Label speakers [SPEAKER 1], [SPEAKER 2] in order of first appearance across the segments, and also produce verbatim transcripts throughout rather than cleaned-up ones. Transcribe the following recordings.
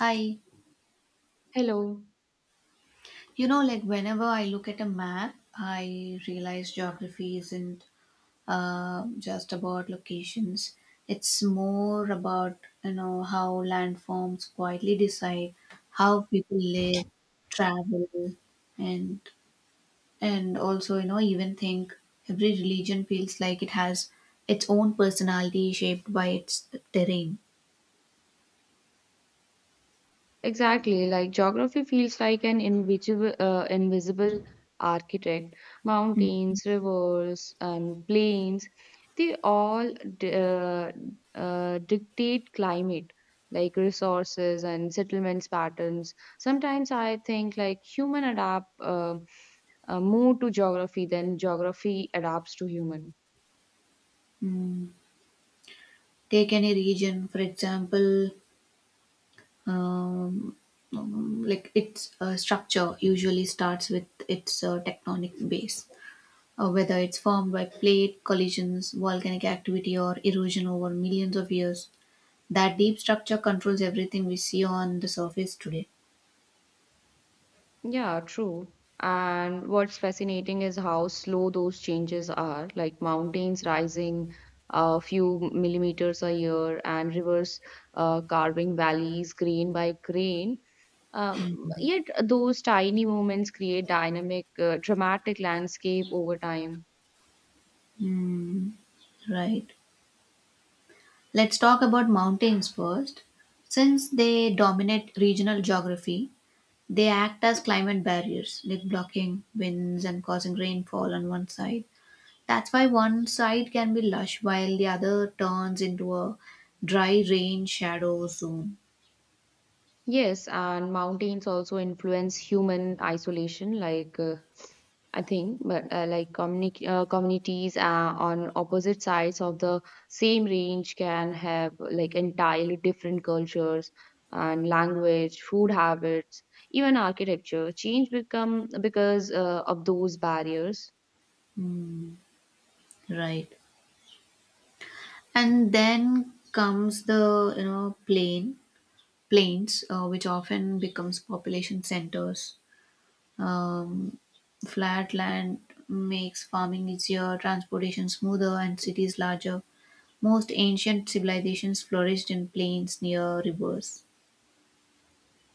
[SPEAKER 1] Hi.
[SPEAKER 2] Hello.
[SPEAKER 1] You know, like whenever I look at a map, I realize geography isn't uh, just about locations. It's more about, you know, how landforms quietly decide how people live, travel, and and also, you know, even think every religion feels like it has its own personality shaped by its terrain.
[SPEAKER 2] Exactly. Like geography feels like an invisible, uh, invisible architect. Mountains, rivers, and plains, they all d- uh, uh, dictate climate, like resources and settlements patterns. Sometimes I think like human adapt uh, uh, more to geography than geography adapts to human.
[SPEAKER 1] Mm. Take any region, for example, um, um, like its uh, structure usually starts with its uh, tectonic base, uh, whether it's formed by plate collisions, volcanic activity, or erosion over millions of years. That deep structure controls everything we see on the surface today.
[SPEAKER 2] Yeah, true. And what's fascinating is how slow those changes are, like mountains rising a few millimeters a year and rivers uh, carving valleys grain by grain. Um, Yet those tiny movements create dynamic, uh, dramatic landscape over time.
[SPEAKER 1] Hmm, right. Let's talk about mountains first. Since they dominate regional geography, they act as climate barriers, like blocking winds and causing rainfall on one side. That's why one side can be lush while the other turns into a dry rain shadow zone.
[SPEAKER 2] Yes, and mountains also influence human isolation, like uh, I think, but uh, like communi- uh, communities uh, on opposite sides of the same range can have like entirely different cultures and language, food habits, even architecture change become because uh, of those barriers.
[SPEAKER 1] Hmm, Right. And then comes the you know plain plains, uh, which often becomes population centers. Um, flat land makes farming easier, transportation smoother, and cities larger. Most ancient civilizations flourished in plains near rivers.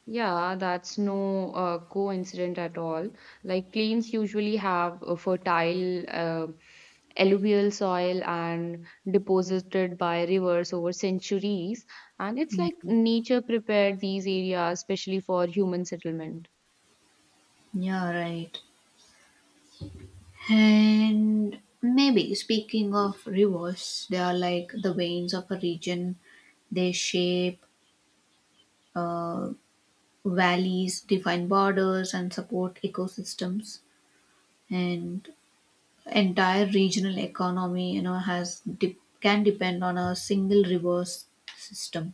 [SPEAKER 2] Yeah, that's no uh, coincidence at all. Like plains usually have a fertile uh, alluvial soil and deposited by rivers over centuries, and it's like nature prepared these areas especially for human settlement.
[SPEAKER 1] Yeah, right. And maybe speaking of rivers, they are like the veins of a region. They shape uh, valleys, define borders, and support ecosystems. And entire regional economy, you know, has de- can depend on a single river s- system,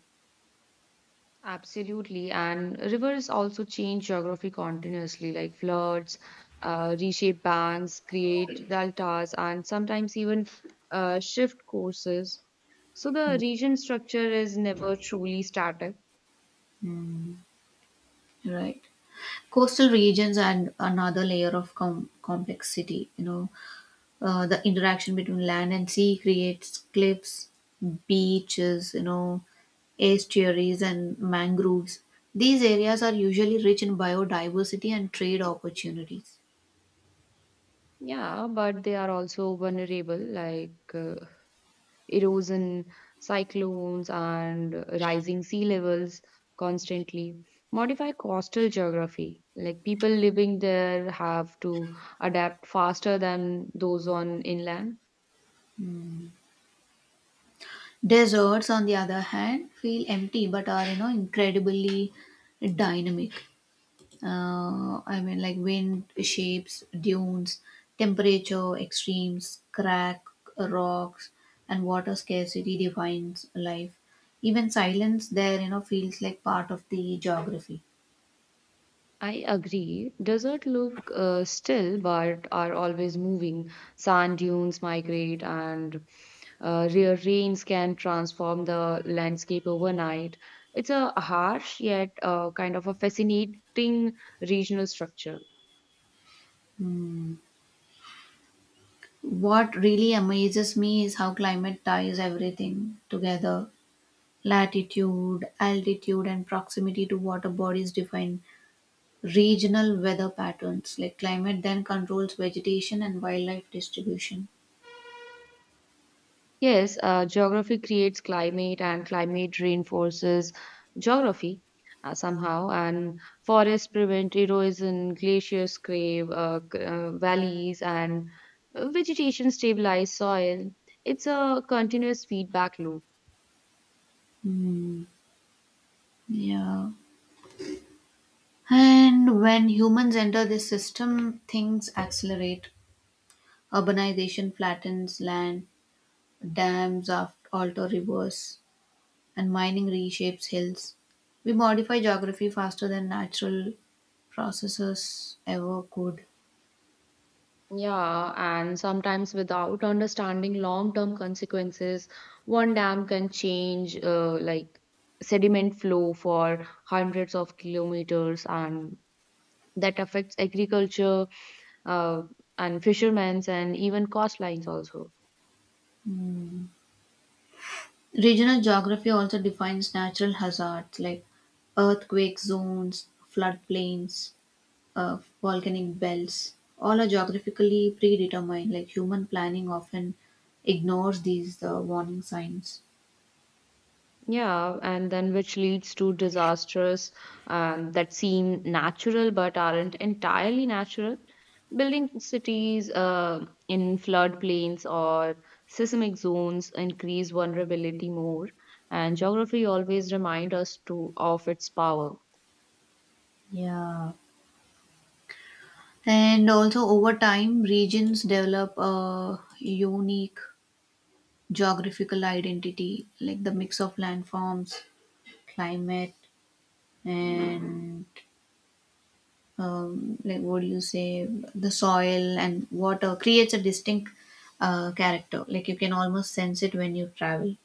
[SPEAKER 2] Absolutely. And rivers also change geography continuously, like floods, uh, reshape banks, create deltas, and sometimes even uh, shift courses. So the region structure is never truly static.
[SPEAKER 1] right? Coastal regions add another layer of com- complexity. You know, uh, the interaction between land and sea creates cliffs, beaches, you know, estuaries, and mangroves. These areas are usually rich in biodiversity and trade opportunities.
[SPEAKER 2] Yeah, but they are also vulnerable, like uh, erosion, cyclones, and rising sea levels constantly modify coastal geography. Like people living there have to adapt faster than those on inland.
[SPEAKER 1] Deserts, on the other hand, feel empty but are, you know, incredibly dynamic. Uh, I mean, like wind, shapes, dunes, temperature, extremes, crack, rocks, and water scarcity defines life. Even silence there, you know, feels like part of the geography.
[SPEAKER 2] I agree. Desert look uh, still, but are always moving. Sand dunes migrate, and uh, rare rains can transform the landscape overnight. It's a harsh yet uh, kind of a fascinating regional structure.
[SPEAKER 1] What really amazes me is how climate ties everything together. Latitude, altitude, and proximity to water bodies define regional weather patterns. Like climate then controls vegetation and wildlife distribution.
[SPEAKER 2] Yes, uh, geography creates climate, and climate reinforces geography uh, somehow. And forests prevent erosion, glaciers crave uh, g- uh, valleys, and vegetation stabilize soil. It's a continuous feedback loop.
[SPEAKER 1] Hmm. Yeah. And when humans enter this system, things accelerate. Urbanization flattens land, dams af- alter rivers, and mining reshapes hills. We modify geography faster than natural processes ever could.
[SPEAKER 2] Yeah, and sometimes without understanding long-term consequences, one dam can change uh, like sediment flow for hundreds of kilometers, and that affects agriculture uh, and fishermen's and even coastlines also.
[SPEAKER 1] Regional geography also defines natural hazards like earthquake zones, floodplains, uh, volcanic belts, all are geographically predetermined. Like human planning often ignores these uh, warning signs.
[SPEAKER 2] Yeah, and then which leads to disasters um, that seem natural but aren't entirely natural. Building cities uh, in floodplains or seismic zones increase vulnerability more, and geography always reminds us to of its power.
[SPEAKER 1] Yeah. And also, over time, regions develop a unique geographical identity, like the mix of landforms, climate, and um, like what do you say, the soil and water creates a distinct uh, character. Like you can almost sense it when you travel.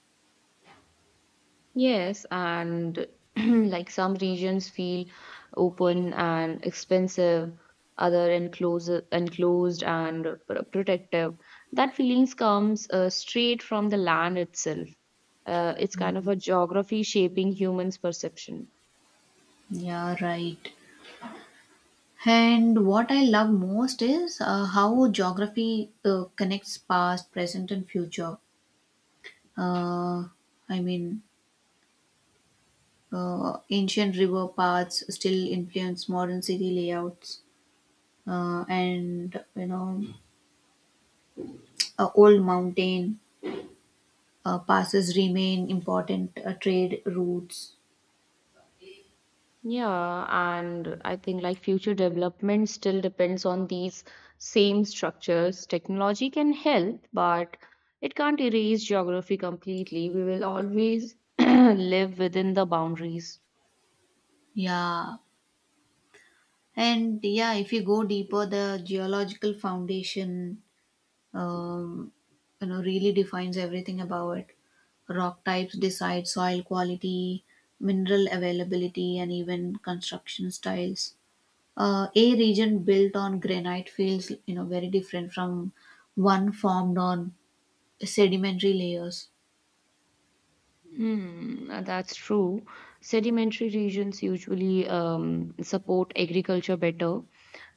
[SPEAKER 2] Yes, and like some regions feel open and expensive, other enclosed, enclosed and pr- protective. That feelings comes uh, straight from the land itself. Uh, it's kind of a geography shaping humans' perception.
[SPEAKER 1] Yeah, right. And what I love most is uh, how geography uh, connects past, present, and future. Uh, I mean, uh, ancient river paths still influence modern city layouts, uh, and you know, uh, old mountain uh, passes remain important uh, trade routes.
[SPEAKER 2] Yeah, and I think like future development still depends on these same structures. Technology can help, but it can't erase geography completely. We will always live within the boundaries.
[SPEAKER 1] Yeah, and yeah, if you go deeper, the geological foundation um, you know really defines everything about it. Rock types decide soil quality, mineral availability, and even construction styles. uh, a region built on granite feels you know very different from one formed on sedimentary layers.
[SPEAKER 2] Hmm, uh, that's true. Sedimentary regions usually um, support agriculture better,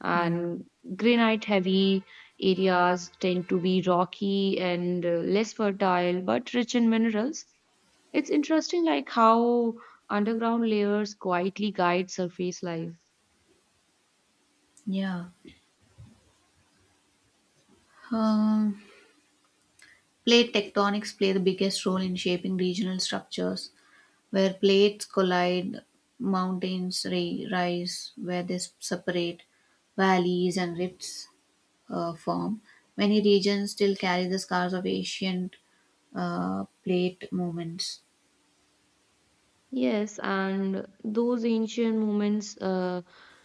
[SPEAKER 2] and granite-heavy areas tend to be rocky and uh, less fertile, but rich in minerals. It's interesting like how underground layers quietly guide surface life.
[SPEAKER 1] yeah um, Plate tectonics play the biggest role in shaping regional structures. Where plates collide, mountains ri- rise. Where they s- separate, valleys and rifts uh, form. Many regions still carry the scars of ancient uh, plate movements.
[SPEAKER 2] Yes, and those ancient moments uh,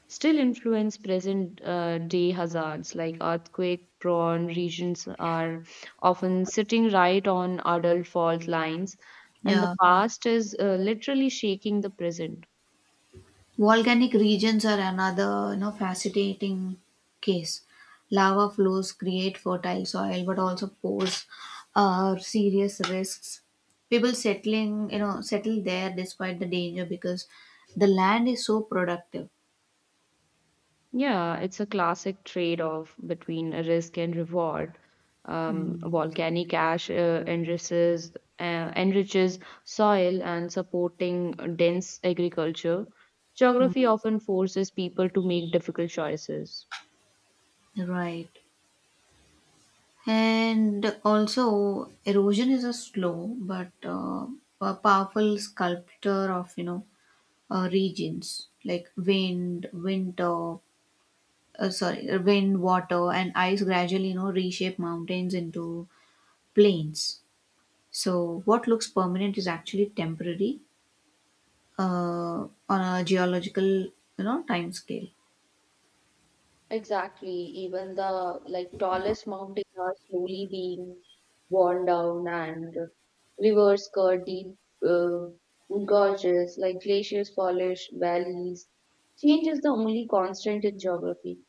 [SPEAKER 2] still influence present uh, day hazards, like earthquake prone regions are often sitting right on adult fault lines, and the
[SPEAKER 1] Yeah.
[SPEAKER 2] past is uh, literally shaking the present.
[SPEAKER 1] Volcanic regions are another, you know, fascinating case. Lava flows create fertile soil, but also pose uh, serious risks. People settling, you know, settle there despite the danger because the land is so productive.
[SPEAKER 2] Yeah, it's a classic trade-off between risk and reward. Um,
[SPEAKER 1] Hmm.
[SPEAKER 2] volcanic ash uh, enriches uh, enriches soil and supporting dense agriculture. Geography often forces people to make difficult choices.
[SPEAKER 1] Right. And also, erosion is a slow but uh, a powerful sculptor of, you know, uh, regions like wind, winter, uh, sorry, wind, water, and ice gradually, you know, reshape mountains into plains. So, what looks permanent is actually temporary uh, on a geological, you know, time scale.
[SPEAKER 2] Exactly. Even the like tallest mountains are slowly being worn down, and rivers cut deep uh, gorges, like glaciers polish valleys. Change is the only constant in geography.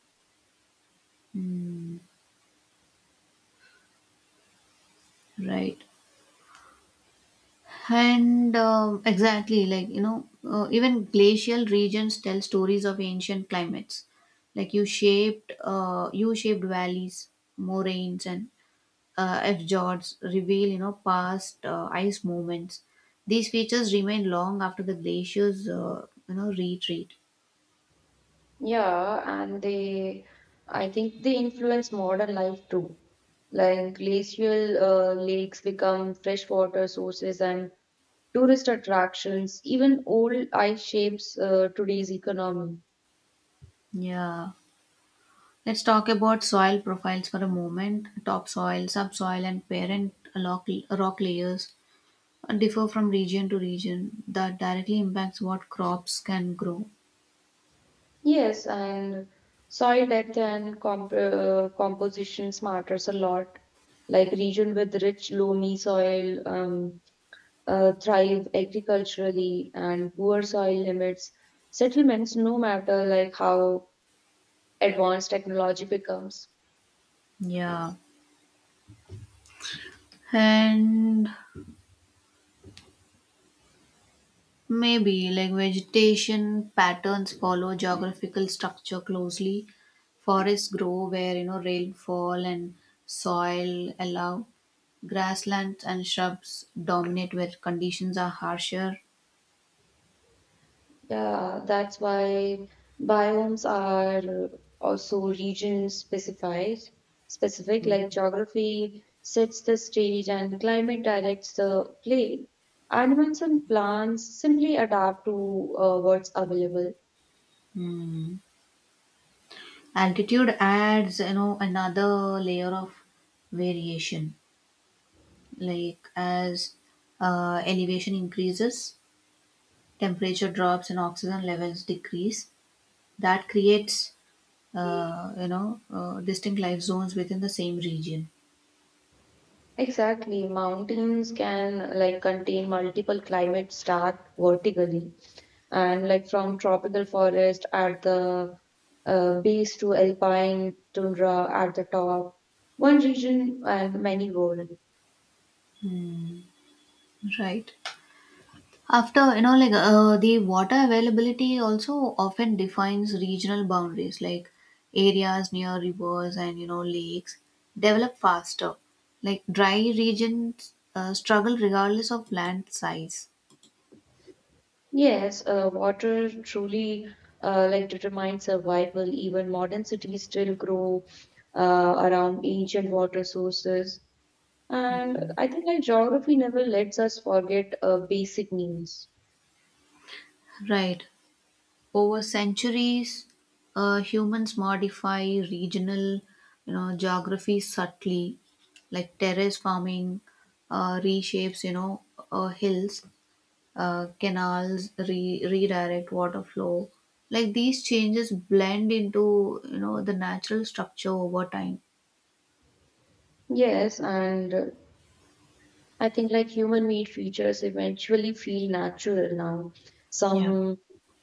[SPEAKER 1] Mm, right. And um, exactly, like, you know, uh, even glacial regions tell stories of ancient climates. Like you shaped, uh, you shaped valleys, moraines, and uh, F jots reveal you know past uh, ice movements. These features remain long after the glaciers uh, you know retreat.
[SPEAKER 2] Yeah, and they, I think they influence modern life too. Like glacial uh, lakes become freshwater sources and tourist attractions. Even old ice shapes uh, today's economy.
[SPEAKER 1] Yeah. Let's talk about soil profiles for a moment. Topsoil, subsoil, and parent rock, rock layers differ from region to region. That directly impacts what crops can grow.
[SPEAKER 2] Yes, and soil depth and comp uh, compositions matters a lot. Like region with rich loamy soil um, uh, thrive agriculturally, and poor soil limits settlements no matter like how advanced technology becomes.
[SPEAKER 1] Yeah. And maybe like vegetation patterns follow geographical structure closely. Forests grow where you know rainfall and soil allow. Grasslands and shrubs dominate where conditions are harsher.
[SPEAKER 2] Yeah, that's why biomes are also region specified, specific like geography sets the stage and climate directs the play. Animals and plants simply adapt to uh, what's available.
[SPEAKER 1] Hmm. Altitude adds you know another layer of variation. Like as uh, elevation increases, temperature drops and oxygen levels decrease. That creates uh, you know uh, distinct life zones within the same region.
[SPEAKER 2] Exactly. Mountains can like contain multiple climates start vertically, and like from tropical forest at the uh, base to alpine tundra at the top, one region and many world.
[SPEAKER 1] Right after you know like uh, The water availability also often defines regional boundaries, like areas near rivers and you know lakes develop faster, like dry regions uh, struggle regardless of land size.
[SPEAKER 2] Yes, uh, water truly uh, like determines survival. Even modern cities still grow uh, around ancient water sources, and I think like geography never lets us forget uh, basic needs.
[SPEAKER 1] right. Over centuries, uh, humans modify regional, you know, geography subtly, like terrace farming uh, reshapes, you know, uh, hills, uh, canals re- redirect water flow. Like these changes blend into, you know, the natural structure over time.
[SPEAKER 2] Yes, and uh, I think like human made features eventually feel natural now.
[SPEAKER 1] Yeah.
[SPEAKER 2] Some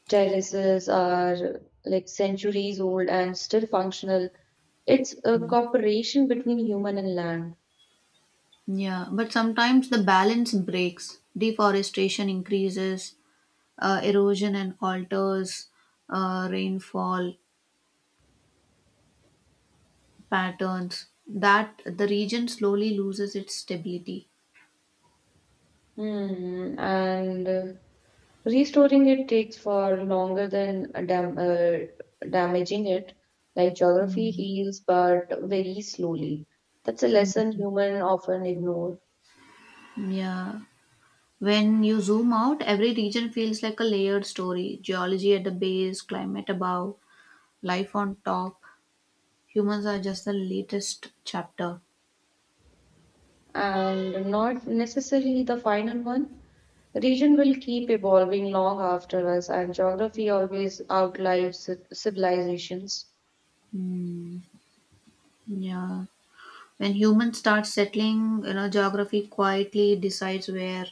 [SPEAKER 2] terraces are like centuries old and still functional. It's a cooperation between human and land.
[SPEAKER 1] Yeah, but sometimes the balance breaks. Deforestation increases uh, erosion and alters uh, rainfall patterns, that the region slowly loses its stability.
[SPEAKER 2] Hmm. And uh, restoring it takes far longer than dam uh, damaging it. Like geography heals, but very slowly. That's a lesson human often ignore.
[SPEAKER 1] Yeah. When you zoom out, every region feels like a layered story: geology at the base, climate above, life on top. Humans are just the latest chapter.
[SPEAKER 2] And not necessarily the final one. Region will keep evolving long after us, and geography always outlives ci- civilizations.
[SPEAKER 1] Yeah. When humans start settling, you know, geography quietly decides where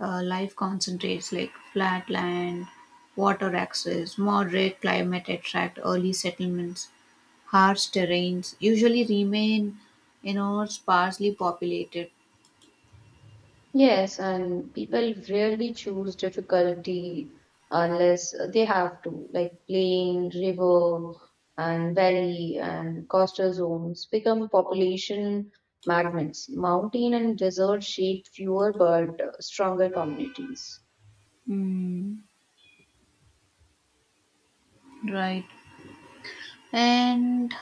[SPEAKER 1] uh, life concentrates, like flat land, water access, moderate climate attract early settlements. Harsh terrains usually remain, you know, sparsely populated.
[SPEAKER 2] Yes, and people rarely choose difficulty unless they have to, like plain, river, and valley and coastal zones become population magnets. Mountain and desert shape fewer but uh, stronger communities.
[SPEAKER 1] Hmm. Right. And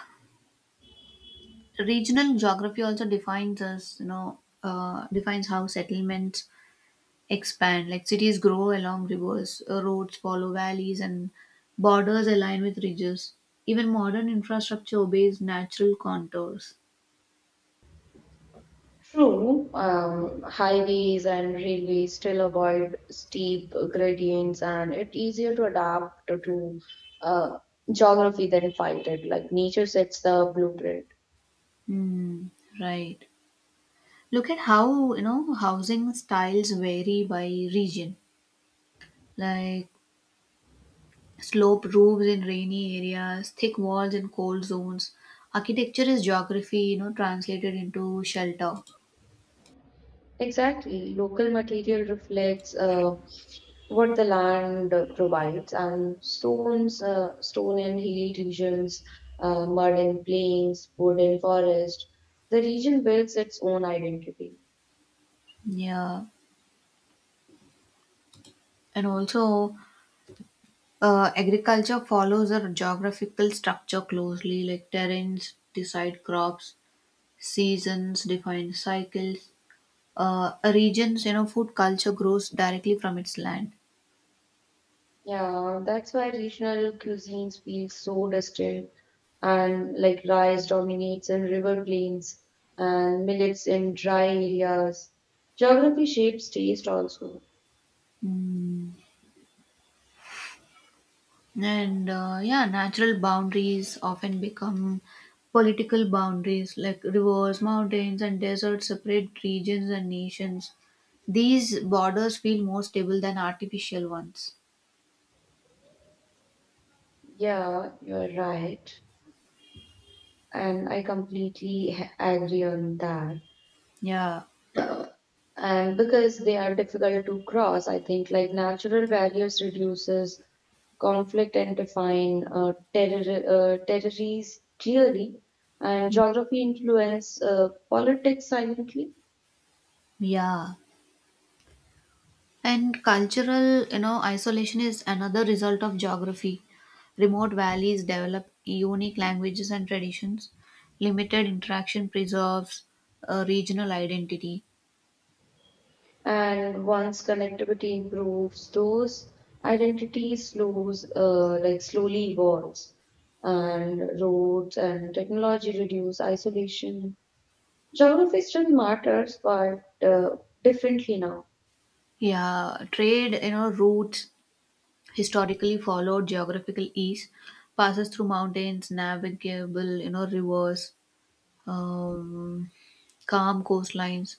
[SPEAKER 1] regional geography also defines us, you know, uh, defines how settlements expand. Like cities grow along rivers, uh, roads follow valleys, and borders align with ridges. Even modern infrastructure obeys natural contours.
[SPEAKER 2] True, um, highways and railways still avoid steep gradients, and it's easier to adapt to uh, geography than fight it. Like nature sets the blueprint.
[SPEAKER 1] Hmm. Right. Look at how, you know, housing styles vary by region. Like slope roofs in rainy areas, thick walls in cold zones. Architecture is geography, you know, translated into shelter.
[SPEAKER 2] Exactly, local material reflects uh, what the land provides, and stones, uh, stone and hilly regions, uh, mud and plains, wood and forest. The region builds its own identity.
[SPEAKER 1] Yeah, and also uh, agriculture follows a geographical structure closely, like terrains decide crops, seasons define cycles. Uh, regions, you know, food culture grows directly from its land.
[SPEAKER 2] Yeah, that's why regional cuisines feel so distant and like rice dominates in river plains and millets in dry areas. Geography shapes taste also.
[SPEAKER 1] Hmm. And uh, yeah, natural boundaries often become political boundaries, like rivers, mountains, and deserts separate regions and nations. These borders feel more stable than artificial ones.
[SPEAKER 2] Yeah, you're right. And I completely h- agree on that.
[SPEAKER 1] Yeah,
[SPEAKER 2] And because they are difficult to cross, I think like natural barriers reduces conflict and define uh, terror, uh, territories clearly, and geography influence uh, politics silently.
[SPEAKER 1] yeah. And cultural, you know, isolation is another result of geography. Remote valleys develop unique languages and traditions. Limited interaction preserves a regional identity.
[SPEAKER 2] And once connectivity improves those identities slows uh, like slowly evolves, and roads and technology reduce isolation. Geography still matters, but uh, differently now.
[SPEAKER 1] Yeah, trade, you know, routes historically followed geographical ease, passes through mountains, navigable, you know, rivers, um, calm coastlines.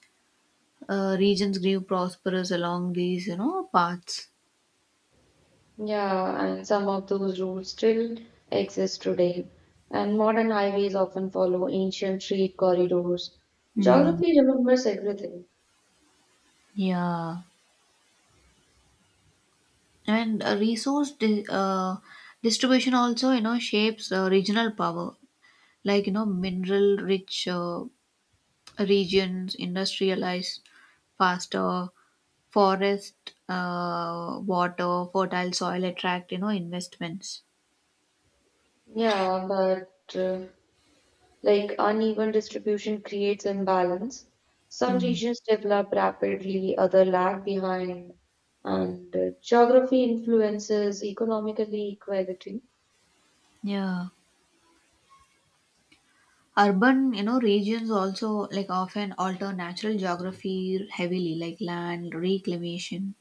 [SPEAKER 1] Uh, regions grew prosperous along these, you know, paths.
[SPEAKER 2] Yeah, and some of those rules still exist today. And modern highways often follow ancient street corridors.
[SPEAKER 1] Hmm.
[SPEAKER 2] Geography remembers everything.
[SPEAKER 1] Yeah, and uh, resource di- uh, distribution also, you know, shapes uh, regional power. Like you know, mineral-rich uh, regions industrialized faster, forest, uh, water, fertile soil attract you know investments.
[SPEAKER 2] Yeah, but uh, like uneven distribution creates imbalance. Some
[SPEAKER 1] Hmm.
[SPEAKER 2] regions develop rapidly, other lag behind, and uh, geography influences economical equality.
[SPEAKER 1] yeah. Urban, you know regions also like often alter natural geography heavily, like land reclamation,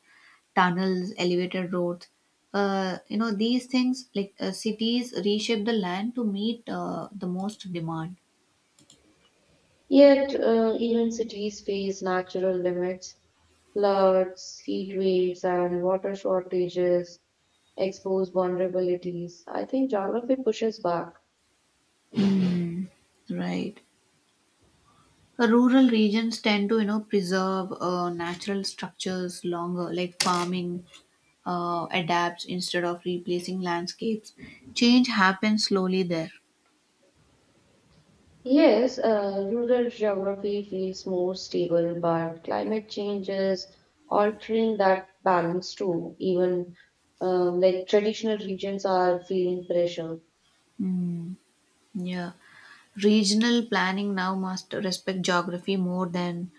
[SPEAKER 1] tunnels, elevated roads, uh, you know these things, like uh, cities reshape the land to meet uh, the most demand.
[SPEAKER 2] Yet, uh, even cities face natural limits, floods, heat waves, and water shortages expose vulnerabilities. I think geography pushes back.
[SPEAKER 1] Hmm. right. Rural regions tend to, you know, preserve uh, natural structures longer, like farming uh, adapts instead of replacing landscapes. Change happens slowly there.
[SPEAKER 2] Yes, uh, rural geography feels more stable, but climate change is altering that balance too. Even um, like traditional regions are feeling pressure.
[SPEAKER 1] Mm, yeah. Regional planning now must respect geography more than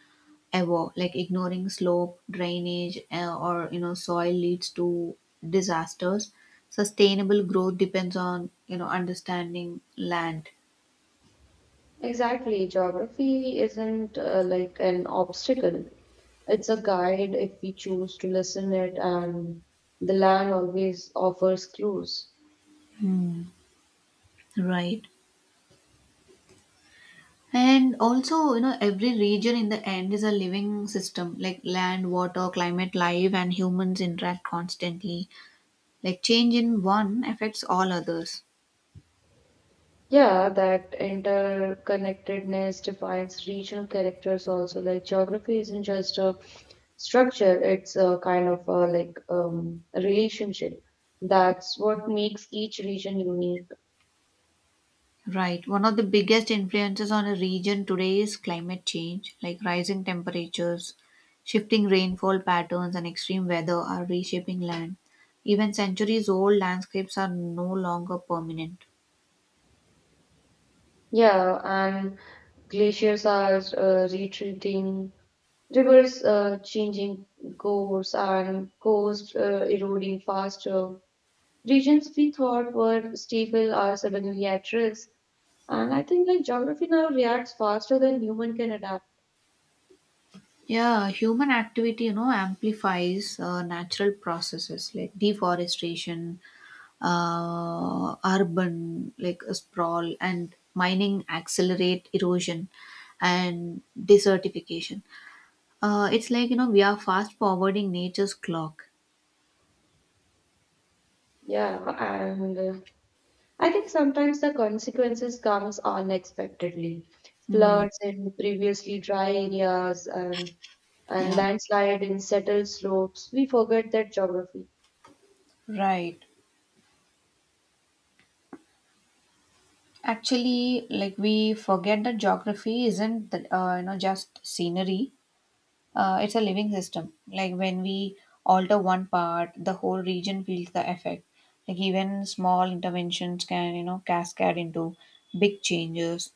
[SPEAKER 1] ever. Like ignoring slope, drainage, uh, or you know, soil leads to disasters. Sustainable growth depends on you know understanding land.
[SPEAKER 2] Exactly. Geography isn't uh, like an obstacle. It's a guide if we choose to listen it, and the land always offers clues.
[SPEAKER 1] Right. And also, you know, every region in the end is a living system, like land, water, climate, life, and humans interact constantly. Like change in one affects all others.
[SPEAKER 2] Yeah, that interconnectedness defines regional characters also. Like geography isn't just a structure, it's a kind of a, like um, a relationship. That's what makes each region unique.
[SPEAKER 1] Right. One of the biggest influences on a region today is climate change, like rising temperatures, shifting rainfall patterns, and extreme weather are reshaping land. Even centuries old landscapes are no longer permanent.
[SPEAKER 2] Yeah, and glaciers are uh, retreating, rivers uh, changing course, and coast uh, eroding faster. Regions we thought were stable are suddenly at risk. And I think like geography now reacts faster than human can adapt.
[SPEAKER 1] Yeah, human activity, you know, amplifies uh, natural processes like deforestation, uh, urban like uh, sprawl, and mining accelerate erosion and desertification. Uh, it's like you know we are fast forwarding nature's clock.
[SPEAKER 2] Yeah, and uh, I think sometimes the consequences comes unexpectedly.
[SPEAKER 1] Hmm.
[SPEAKER 2] Floods in previously dry areas and, and
[SPEAKER 1] Yeah.
[SPEAKER 2] landslide in settled slopes. We forget that geography.
[SPEAKER 1] Right. Actually, like we forget that geography isn't that, uh, you know just scenery. Uh, it's a living system. Like when we alter one part, the whole region feels the effect. Like even small interventions can, you know, cascade into big changes.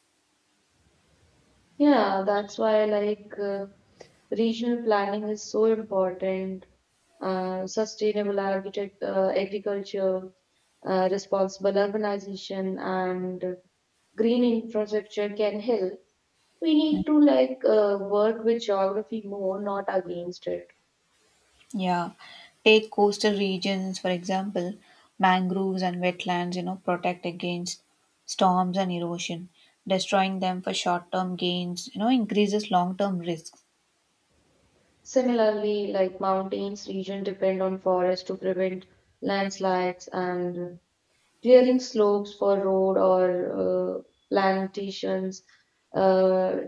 [SPEAKER 2] Yeah, that's why like uh, regional planning is so important. Uh, sustainable architect, uh, agriculture, uh, responsible urbanization, and green infrastructure can help. We need to like uh, work with geography more, not against it.
[SPEAKER 1] Yeah. Take coastal regions, for example, mangroves and wetlands, you know, protect against storms and erosion. Destroying them for short term gains, you know, increases long term risks.
[SPEAKER 2] Similarly, like mountains region depend on forest to prevent landslides and clearing slopes for road or uh, plantations uh,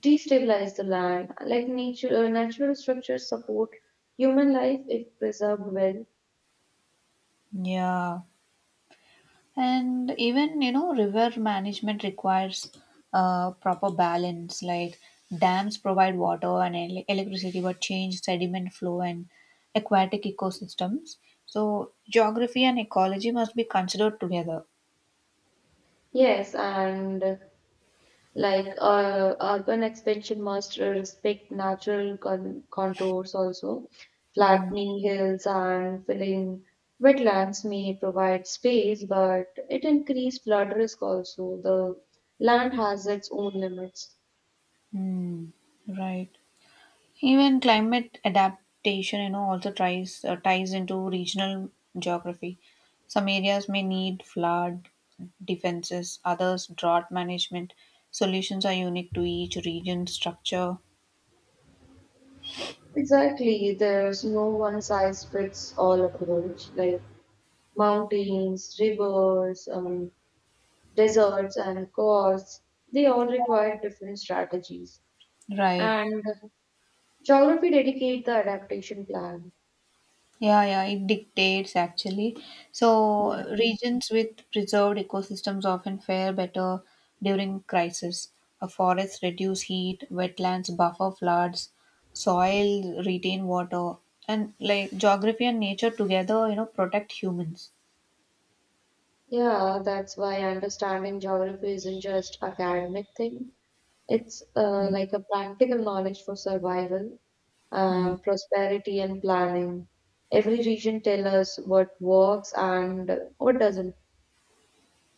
[SPEAKER 2] destabilize the land. Like nature, uh, natural structures support human life if preserved well.
[SPEAKER 1] Yeah. And even you know river management requires uh, proper balance, like dams provide water and ele- electricity but change sediment flow and aquatic ecosystems, so geography and ecology must be considered together.
[SPEAKER 2] Yes, and like uh, urban expansion must respect natural con contours also.
[SPEAKER 1] Mm,
[SPEAKER 2] Flattening hills and filling wetlands may provide space, but it increase flood risk also. The land has its own limits.
[SPEAKER 1] mm, right. Even climate adaptation, you know, also tries uh, ties into regional geography. Some areas may need flood defenses, others drought management. Solutions are unique to each region's structure.
[SPEAKER 2] Exactly, there's no one size fits all approach. Like mountains, rivers, um, deserts, and coasts, they all require different strategies.
[SPEAKER 1] Right.
[SPEAKER 2] And geography dedicate the adaptation plan.
[SPEAKER 1] Yeah, yeah, it dictates actually. So,
[SPEAKER 2] Yeah.
[SPEAKER 1] regions with preserved ecosystems often fare better during crisis. A forests reduce heat, wetlands buffer floods, soil retain water, and like geography and nature together, you know, protect humans.
[SPEAKER 2] Yeah, that's why understanding geography isn't just academic thing. It's uh, like a practical knowledge for survival,
[SPEAKER 1] Mm.
[SPEAKER 2] um, prosperity, and planning. Every region tell us what works and what doesn't.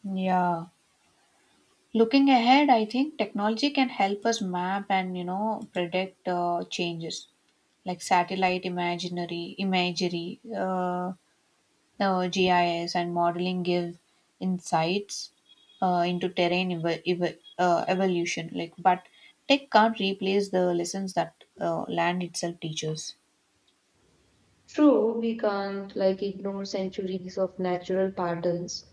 [SPEAKER 1] Yeah. Looking ahead, I think technology can help us map and, you know, predict uh, changes like satellite imaginary imagery, uh, uh, G I S and modeling give insights uh, into terrain ev- ev- uh, evolution. Like, but tech can't replace the lessons that uh, land itself teaches.
[SPEAKER 2] True, we can't like ignore centuries of natural patterns.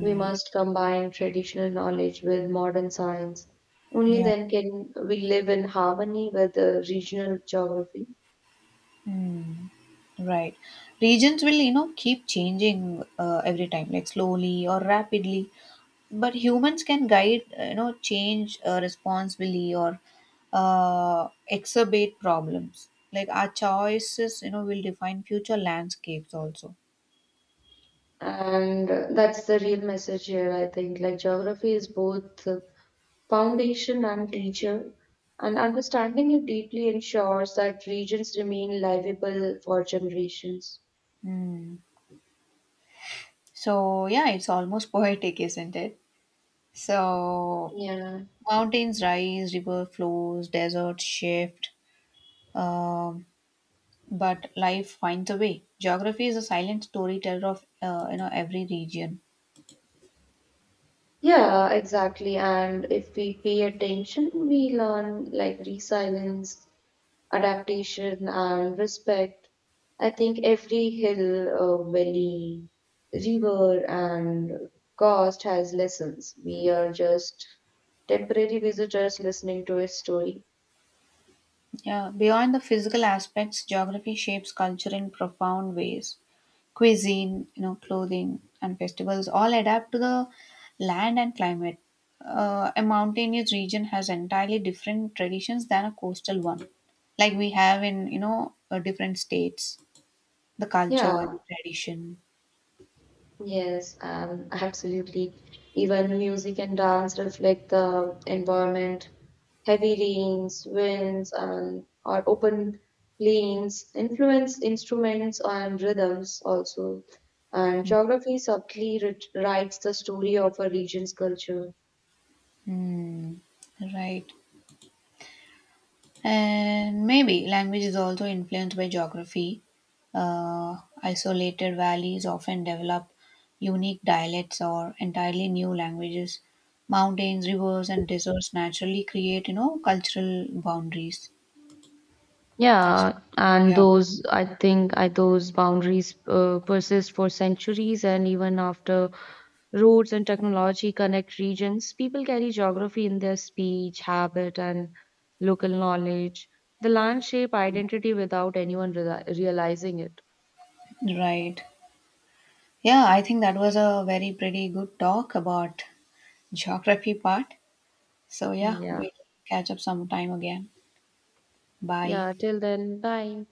[SPEAKER 2] We must combine traditional knowledge with modern science. Only
[SPEAKER 1] Yeah.
[SPEAKER 2] then can we live in harmony with the regional geography.
[SPEAKER 1] Hmm. Right. Regions will, you know, keep changing uh, every time, like slowly or rapidly. But humans can guide uh, you know change uh, responsibly or uh, exacerbate problems, like our choices you know will define future landscapes also.
[SPEAKER 2] And uh, that's the real message here, I think. Like, geography is both uh, foundation and teacher, and understanding it deeply ensures that regions remain livable for generations.
[SPEAKER 1] Hmm. So yeah, it's almost poetic, isn't it? So
[SPEAKER 2] Yeah.
[SPEAKER 1] mountains rise, river flows, deserts shift, um, but life finds a way. Geography is a silent storyteller of uh, you know every region.
[SPEAKER 2] Yeah, exactly. And if we pay attention, we learn like resilience, adaptation and respect. I think every hill, uh, valley, river, and coast has lessons. We are just temporary visitors listening to a story.
[SPEAKER 1] Yeah, beyond the physical aspects, geography shapes culture in profound ways. Cuisine, you know, clothing, and festivals all adapt to the land and climate. Uh, a mountainous region has entirely different traditions than a coastal one, like we have in you know uh, different states, the culture and
[SPEAKER 2] Yeah,
[SPEAKER 1] the tradition.
[SPEAKER 2] yes, um, absolutely. Even music and dance reflect the environment. Heavy rains, winds, and or open plains influence instruments and rhythms also. And geography subtly writ- writes the story of a region's culture.
[SPEAKER 1] Hmm. Right. And maybe language is also influenced by geography. Uh, isolated valleys often develop unique dialects or entirely new languages. Mountains, rivers, and deserts naturally create, you know, cultural boundaries. So,
[SPEAKER 2] Yeah, and
[SPEAKER 1] yeah,
[SPEAKER 2] those, I think, I, those boundaries uh, persist for centuries, and even after roads and technology connect regions, people carry geography in their speech, habit, and local knowledge. The land shape identity without anyone reali realizing it.
[SPEAKER 1] right. Yeah, I think that was a very pretty good talk about geography part. So, yeah,
[SPEAKER 2] Hmm. Yeah.
[SPEAKER 1] we'll catch up sometime again. Bye.
[SPEAKER 2] Yeah, till then, bye.